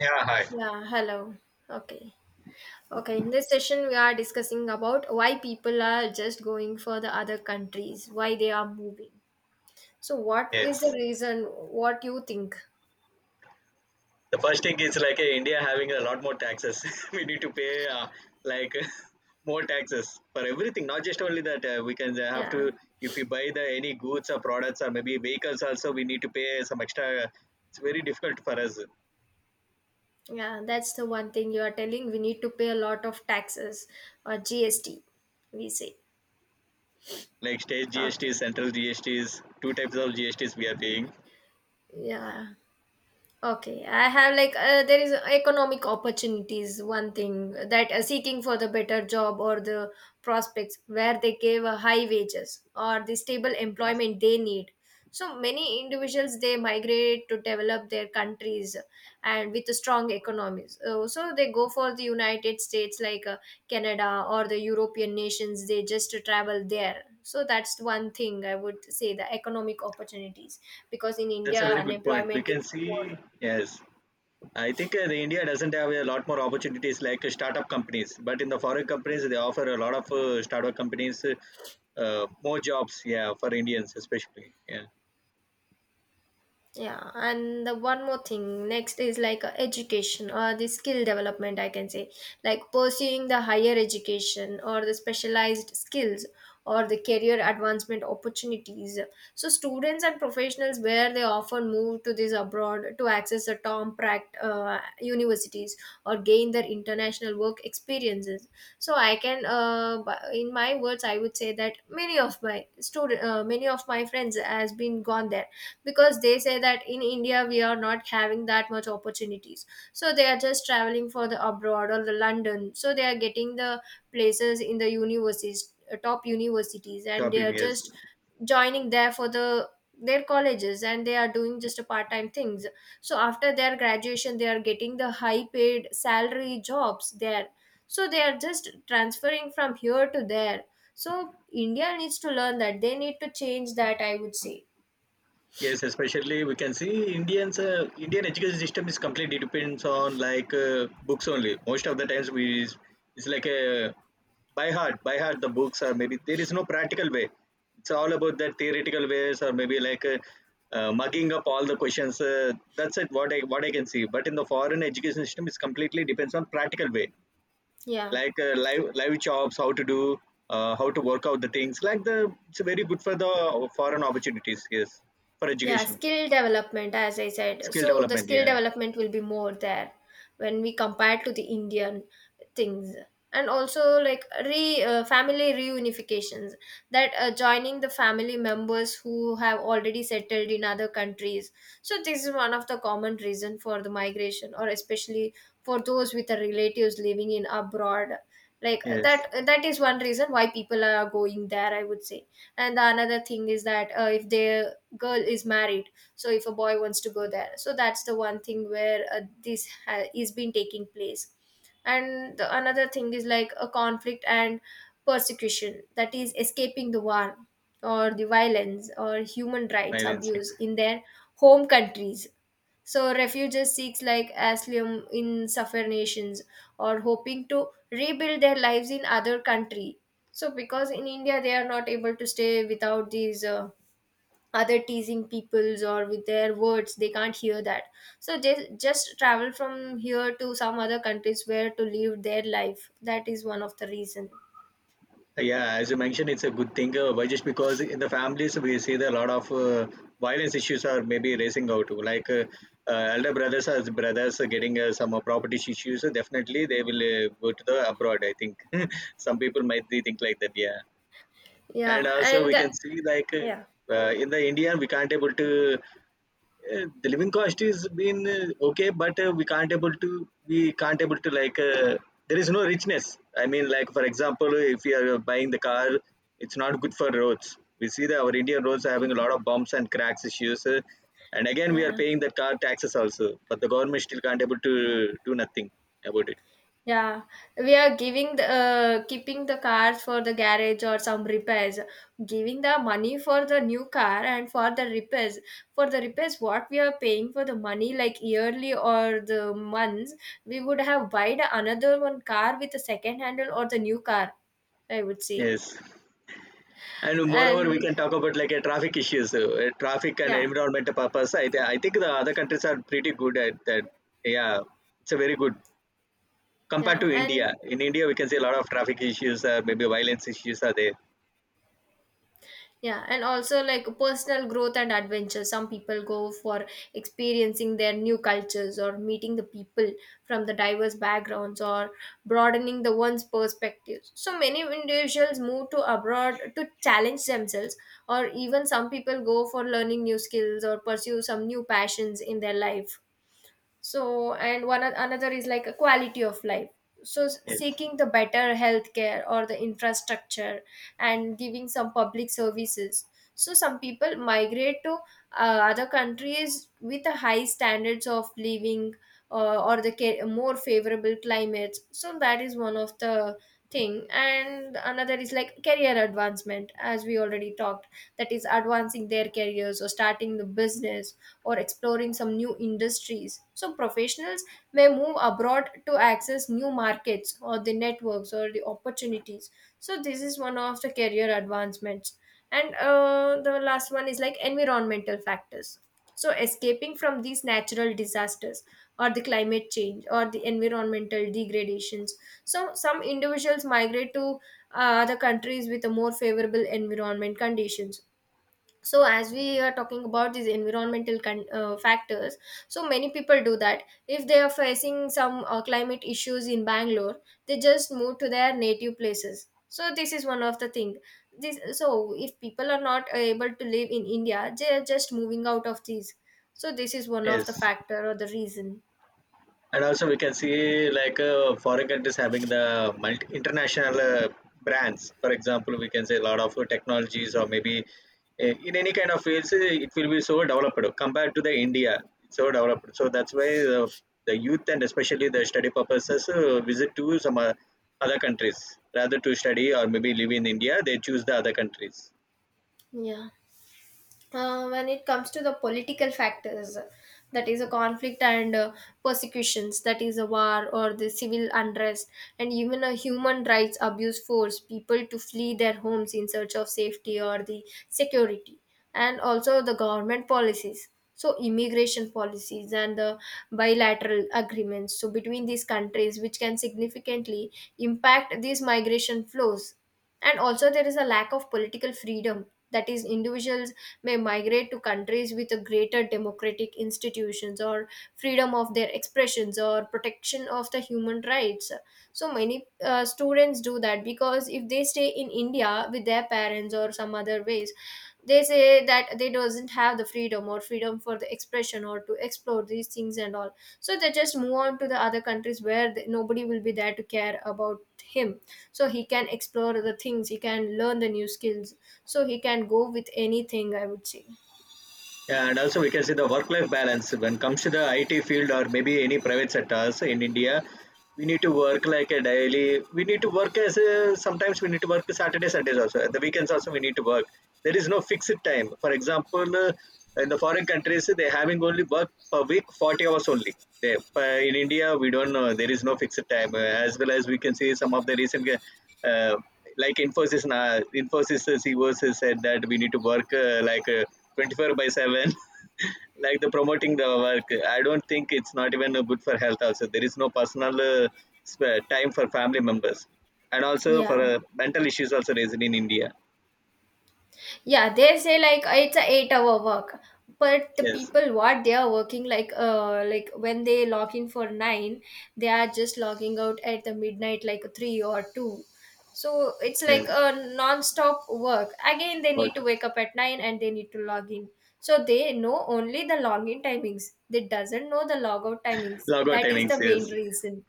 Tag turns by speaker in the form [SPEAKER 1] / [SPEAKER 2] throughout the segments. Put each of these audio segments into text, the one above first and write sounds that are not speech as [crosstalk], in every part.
[SPEAKER 1] Yeah, hi.
[SPEAKER 2] Yeah, hello. Okay. Okay, in this session we are discussing about why people are just going for the other countries, why they are moving. So what is the
[SPEAKER 1] Yes.
[SPEAKER 2] reason? What you think?
[SPEAKER 1] The first thing is like India having a lot more taxes. [laughs] We need to pay like [laughs] more taxes for everything, not just only that. We can have
[SPEAKER 2] Yeah.
[SPEAKER 1] to, if we buy the any goods or products or maybe vehicles also, we need to pay some extra. It's very difficult for us.
[SPEAKER 2] Yeah, that's the one thing you are telling we need to pay a lot of taxes or GST, we say.
[SPEAKER 1] Like state
[SPEAKER 2] Okay.
[SPEAKER 1] GSTs, central GSTs, two types of GSTs we are paying.
[SPEAKER 2] Yeah. Okay, I have like there is economic opportunities. One thing that seeking for the better job or the prospects where they give high wages or the stable employment they need. So many individuals they migrate to develop their countries and with strong economies. So they go for the United States like Canada or the European nations. They just travel there. So that's one thing I would say, the economic opportunities because in
[SPEAKER 1] That's a
[SPEAKER 2] India
[SPEAKER 1] very good point. We
[SPEAKER 2] unemployment
[SPEAKER 1] can
[SPEAKER 2] is.
[SPEAKER 1] see, yes, I think the India doesn't have a lot more opportunities like startup companies, but in the foreign companies they offer a lot of startup companies more jobs. Yeah, for Indians especially. Yeah,
[SPEAKER 2] Yeah. And the one more thing next is like education or the skill development, I can say, like pursuing the higher education or the specialized skills or the career advancement opportunities. So students and professionals where they often move to this abroad to access the top pract universities or gain their international work experiences. So I can in my words I would say that many of my friends has been gone there because they say that in India we are not having that much opportunities. So they are just traveling for the abroad or the London, so they are getting the places in the universities, top universities, and
[SPEAKER 1] top
[SPEAKER 2] they are just
[SPEAKER 1] Indians.
[SPEAKER 2] joining there for their colleges, and they are doing just a part-time things. So after their graduation they are getting the high paid salary jobs there, so they are just transferring from here to there. So India needs to learn that they need to change, that I would say.
[SPEAKER 1] Yes, especially we can see Indians. Indian education system is completely depends on like books only. Most of the times we is it's like a by heart the books are maybe there is no practical way. It's all about that theoretical ways or maybe like mugging up all the questions. That's it. What I can see. But in the foreign education system, it's completely depends on practical way,
[SPEAKER 2] Yeah.
[SPEAKER 1] like live jobs, how to do, how to work out the things. Like the it's very good for the foreign opportunities. Yes, for
[SPEAKER 2] Yeah,
[SPEAKER 1] education.
[SPEAKER 2] skill development, as I said.
[SPEAKER 1] Skill
[SPEAKER 2] So the
[SPEAKER 1] development,
[SPEAKER 2] skill
[SPEAKER 1] yeah.
[SPEAKER 2] development will be more there when we compare to the Indian things. And also, like re family reunifications, that joining the family members who have already settled in other countries. So this is one of the common reason for the migration, or especially for those with the relatives living in abroad. Like
[SPEAKER 1] Yes,
[SPEAKER 2] that, that is one reason why people are going there, I would say. And the another thing is that if their girl is married, so if a boy wants to go there, so that's the one thing where is been taking place. And the another thing is like a conflict and persecution, that is escaping the war or the violence or human rights
[SPEAKER 1] financing.
[SPEAKER 2] abuse in their home countries. So refugees seeks like asylum in suffer nations, or hoping to rebuild their lives in other country. So because in India they are not able to stay without these other teasing peoples, or with their words they can't hear that. So they just travel from here to some other countries where to live their life. That is one of the reason.
[SPEAKER 1] Yeah, as you mentioned, it's a good thing. Why just because in the families we see that a lot of violence issues are maybe raising out. Like elder brothers are getting some property issues. So definitely they will go to the abroad. I think [laughs] some people might be think like that. Yeah, and
[SPEAKER 2] Yeah,
[SPEAKER 1] also
[SPEAKER 2] and
[SPEAKER 1] we can see like
[SPEAKER 2] yeah,
[SPEAKER 1] in the India we can't able to the living cost is been okay, but we can't able to like there is no richness. I mean, like for example, if you are buying the car, it's not good for roads. We see that our Indian roads are having a lot of bumps and cracks issues, and again we are
[SPEAKER 2] yeah.
[SPEAKER 1] paying the car taxes also, but the government still can't able to do nothing about it.
[SPEAKER 2] Yeah, we are giving the keeping the car for the garage or some repairs, giving the money for the new car and for the repairs. For the repairs, what we are paying for the money like yearly or the months, we would have buyed another one car with a second handle or the new car, I would say.
[SPEAKER 1] Yes, and moreover, we
[SPEAKER 2] And
[SPEAKER 1] can talk about like a traffic issues, traffic and
[SPEAKER 2] yeah,
[SPEAKER 1] environmental purpose. I think the other countries are pretty good at that. Yeah, it's a very good compared
[SPEAKER 2] yeah,
[SPEAKER 1] to India.
[SPEAKER 2] and
[SPEAKER 1] In India, we can see a lot of traffic issues, maybe violence issues are there.
[SPEAKER 2] yeah, and also like personal growth and adventure. Some people go for experiencing their new cultures or meeting the people from the diverse backgrounds or broadening the one's perspectives. So many individuals move to abroad to challenge themselves, or even some people go for learning new skills or pursue some new passions in their life. So and another is like a quality of life, so
[SPEAKER 1] Yes,
[SPEAKER 2] seeking the better healthcare or the infrastructure and giving some public services. So some people migrate to uh, other countries with a high standards of living, or more favorable climates. So that is one of the thing. And another is like career advancement, as we already talked, that is advancing their careers or starting the business or exploring some new industries. So professionals may move abroad to access new markets or the networks or the opportunities. So this is one of the career advancements. And the last one is like environmental factors. So escaping from these natural disasters or the climate change or the environmental degradations. So some individuals migrate to other countries with a more favorable environment conditions. So as we are talking about these environmental factors, so many people do that. If they are facing some climate issues in Bangalore, they just move to their native places. So this is one of the thing. This, so if people are not able to live in India, they are just moving out of these. So this is one of the
[SPEAKER 1] yes.
[SPEAKER 2] factor or the reason.
[SPEAKER 1] And also, we can see like foreign countries having the multi international brands. For example, we can say a lot of technologies or maybe in any kind of fields, it will be so developed compared to the India. It's so developed. So that's why the, the youth and especially the study purposes visit to some other countries rather to study or maybe live in India. They choose the other countries.
[SPEAKER 2] Yeah. When it comes to the political factors, that is a conflict and persecutions, that is a war or the civil unrest, and even a human rights abuse force people to flee their homes in search of safety or the security. And also the government policies, so immigration policies and the bilateral agreements so between these countries, which can significantly impact these migration flows. And also there is a lack of political freedom, that is individuals may migrate to countries with a greater democratic institutions or freedom of their expressions or protection of the human rights. So many students do that because if they stay in India with their parents or some other ways, they say that they doesn't have the freedom or freedom for the expression or to explore these things and all. So they just move on to the other countries where nobody will be there to care about him, so he can explore the things, he can learn the new skills, so he can go with anything, I would say.
[SPEAKER 1] Yeah, and also we can see the work-life balance when it comes to the IT field or maybe any private sectors in India. We need to work like a daily. We need to work as a, sometimes we need to work Saturday, Sundays also. At the weekends also we need to work. There is no fixed time. For example, in the foreign countries they having only work per week 40 hours only. They, but in India we don't know. There is no fixed time. As well as we can see some of the recent uh, like Infosys CEOs said that we need to work 24 by 7 [laughs] like the promoting the work. I don't think it's not even good for health also. There is no personal time for family members, and also for
[SPEAKER 2] Yeah.
[SPEAKER 1] mental issues also raised in India.
[SPEAKER 2] Yeah, they say like it's a 8-hour work, but the
[SPEAKER 1] Yes.
[SPEAKER 2] people what they are working, like like when they log in for nine, they are just logging out at the midnight like three or two. So it's like
[SPEAKER 1] Yes.
[SPEAKER 2] a non-stop work. Again they need to
[SPEAKER 1] Okay.
[SPEAKER 2] wake up at nine and they need to log in. So they know only the login timings, they doesn't know the logout timings.
[SPEAKER 1] Logo
[SPEAKER 2] That is
[SPEAKER 1] timings,
[SPEAKER 2] the
[SPEAKER 1] yes.
[SPEAKER 2] main reason.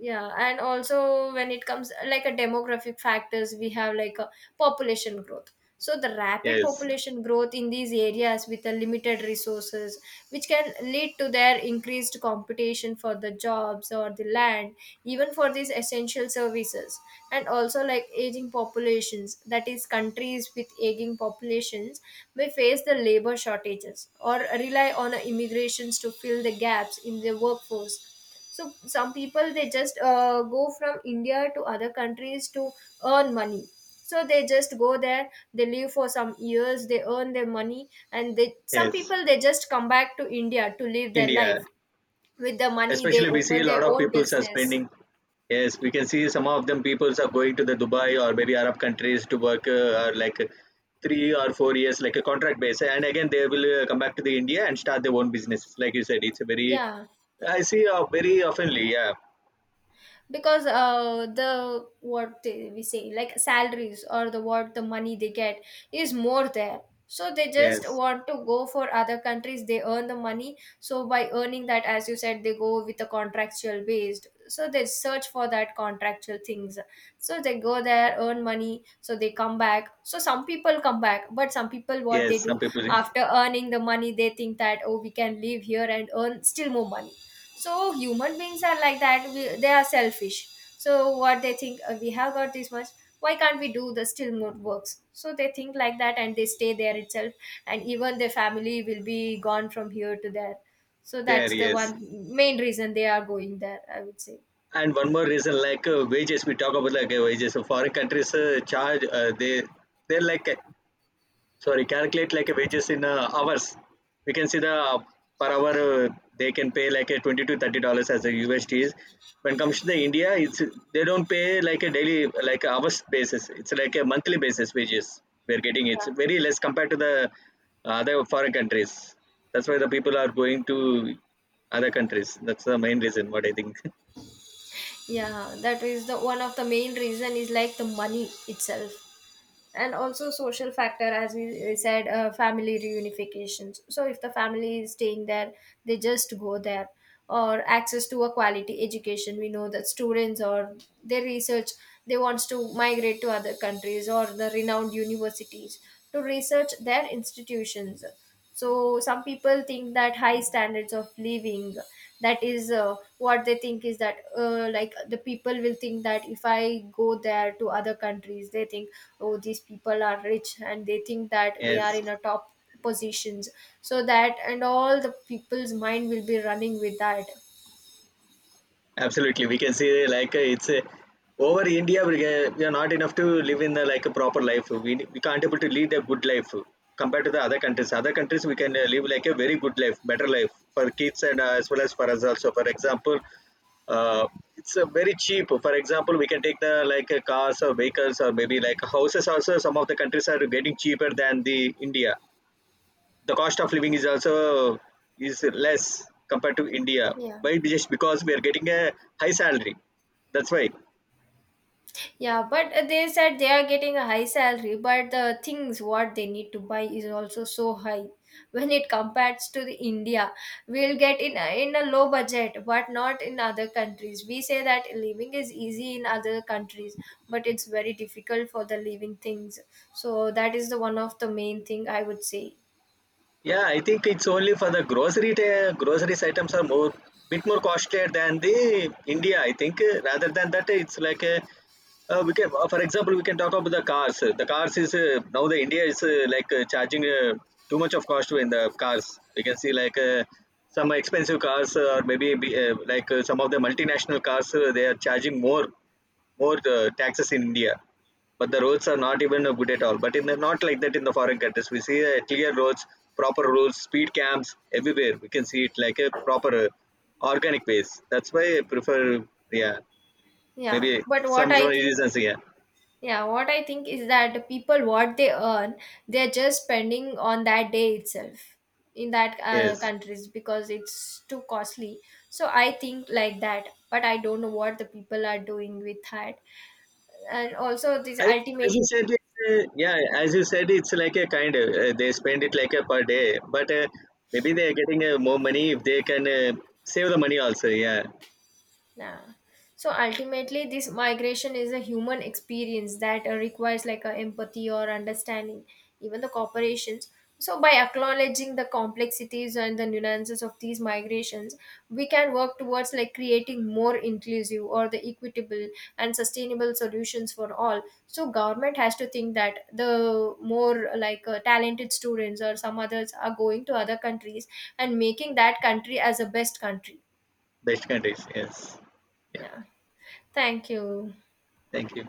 [SPEAKER 2] Yeah. And also, when it comes like a demographic factors, we have like a population growth. So the rapid
[SPEAKER 1] Yes.
[SPEAKER 2] population growth in these areas with the limited resources, which can lead to their increased competition for the jobs or the land, even for these essential services. And also like aging populations, that is countries with aging populations may face the labor shortages or rely on immigrations to fill the gaps in the workforce. So some people they just go from India to other countries to earn money. So they just go there, they live for some years, they earn their money, and they some
[SPEAKER 1] Yes.
[SPEAKER 2] people they just come back to India to live their
[SPEAKER 1] India.
[SPEAKER 2] life with the money. They
[SPEAKER 1] Especially we see
[SPEAKER 2] open
[SPEAKER 1] a lot
[SPEAKER 2] their
[SPEAKER 1] of
[SPEAKER 2] own
[SPEAKER 1] people are
[SPEAKER 2] business.
[SPEAKER 1] spending. Yes, we can see some of them people are going to the Dubai or maybe Arab countries to work or like 3 or 4 years like a contract base, and again they will come back to the India and start their own businesses. Like you said, it's a very
[SPEAKER 2] Yeah.
[SPEAKER 1] I see very oftenly. Yeah.
[SPEAKER 2] Because the we say like salaries or the what the money they get is more there. So they just
[SPEAKER 1] Yes.
[SPEAKER 2] want to go for other countries, they earn the money, so by earning that, as you said, they go with a contractual based, so they search for that contractual things. So they go there, earn money, so they come back. So some people come back, but some people, what they
[SPEAKER 1] Yes.
[SPEAKER 2] do,
[SPEAKER 1] Some people
[SPEAKER 2] after earning the money, they think that, oh, we can live here and earn still more money. So human beings are like that, we, they are selfish. So what they think, we have got this much, why can't we do the still more works? So they think like that and they stay there itself. And even their family will be gone from here to there. So
[SPEAKER 1] [laughs] there.
[SPEAKER 2] that's the
[SPEAKER 1] Yes.
[SPEAKER 2] one main reason they are going there, I would say.
[SPEAKER 1] And one more reason, like wages, we talk about like wages. So foreign countries charge. They they're like sorry, calculate like a
[SPEAKER 2] It's-
[SPEAKER 1] wages in hours. We can see the per hour they can pay like a 20 to $30 as a usd is. When comes to the India, it's they don't pay like a daily, like a hours basis. It's like a monthly basis wages we're getting.
[SPEAKER 2] yeah.
[SPEAKER 1] It's very less compared to the other foreign countries. That's why the people are going to other countries. That's the main reason what I think.
[SPEAKER 2] Yeah, that is the one of the main reason is like the money itself. And also social factor, as we said, family reunifications. So if the family is staying there, they just go there. Or access to a quality education, we know that students or their research, they wants to migrate to other countries or the renowned universities to research their institutions. So some people think that high standards of living, that is what they think is that, like the people will think that if I go there to other countries, they think, oh, these people are rich, and they think
[SPEAKER 1] [laughs]
[SPEAKER 2] that we are
[SPEAKER 1] Yes.
[SPEAKER 2] in a top positions. So that and all the people's mind will be running with that.
[SPEAKER 1] Absolutely, we can say like it's over India. We are not enough to live in the like a proper life. We can't able to lead a good life compared to the other countries. Other countries we can live like a very good life, better life for kids and as well as for us also. For example, uh, it's very cheap. For example, we can take the like cars or vehicles or maybe like houses also. Some of the countries are getting cheaper than the India. The cost of living is also is less compared to India.
[SPEAKER 2] Yeah.
[SPEAKER 1] Why? Just because we are getting a high salary. That's why.
[SPEAKER 2] Yeah, but they said they are getting a high salary, but the things what they need to buy is also so high. When it compares to the India, we'll get in in a low budget, but not in other countries. We say that living is easy in other countries, but it's very difficult for the living things. So that is the one of the main thing, I would say.
[SPEAKER 1] Yeah, I think it's only for the grocery. Groceries items are more bit more costlier than the India, I think. Rather than that, it's like a, we can, for example, we can talk about the cars. The cars is now the India is like charging too much of cost in the cars. We can see like some expensive cars or like some of the multinational cars they are charging more taxes in India, but the roads are not even good at all. But in the not like that in the foreign countries, we see clear roads, proper roads, speed cams everywhere. We can see it like a proper organic ways. That's why I prefer. Yeah,
[SPEAKER 2] Yeah,
[SPEAKER 1] maybe
[SPEAKER 2] but what
[SPEAKER 1] some
[SPEAKER 2] I think
[SPEAKER 1] reasons. Yeah,
[SPEAKER 2] Yeah, what I think is that people, what they earn, they're just spending on that day itself in that
[SPEAKER 1] yes.
[SPEAKER 2] countries because it's too costly. So I think like that, but I don't know what the people are doing with that. And also, this
[SPEAKER 1] I, as you
[SPEAKER 2] ultimately.
[SPEAKER 1] said, as you said, it's like a kind of they spend it like a per day, but maybe they are getting more money if they can save the money also. Yeah,
[SPEAKER 2] Yeah. So ultimately, this migration is a human experience that requires like a empathy or understanding, even the corporations. So by acknowledging the complexities and the nuances of these migrations, we can work towards like creating more inclusive or the equitable and sustainable solutions for all. So government has to think that the more like talented students or some others are going to other countries and making that country as a best country.
[SPEAKER 1] best countries. Yes. Yeah.
[SPEAKER 2] Yeah. Thank you.
[SPEAKER 1] Thank you.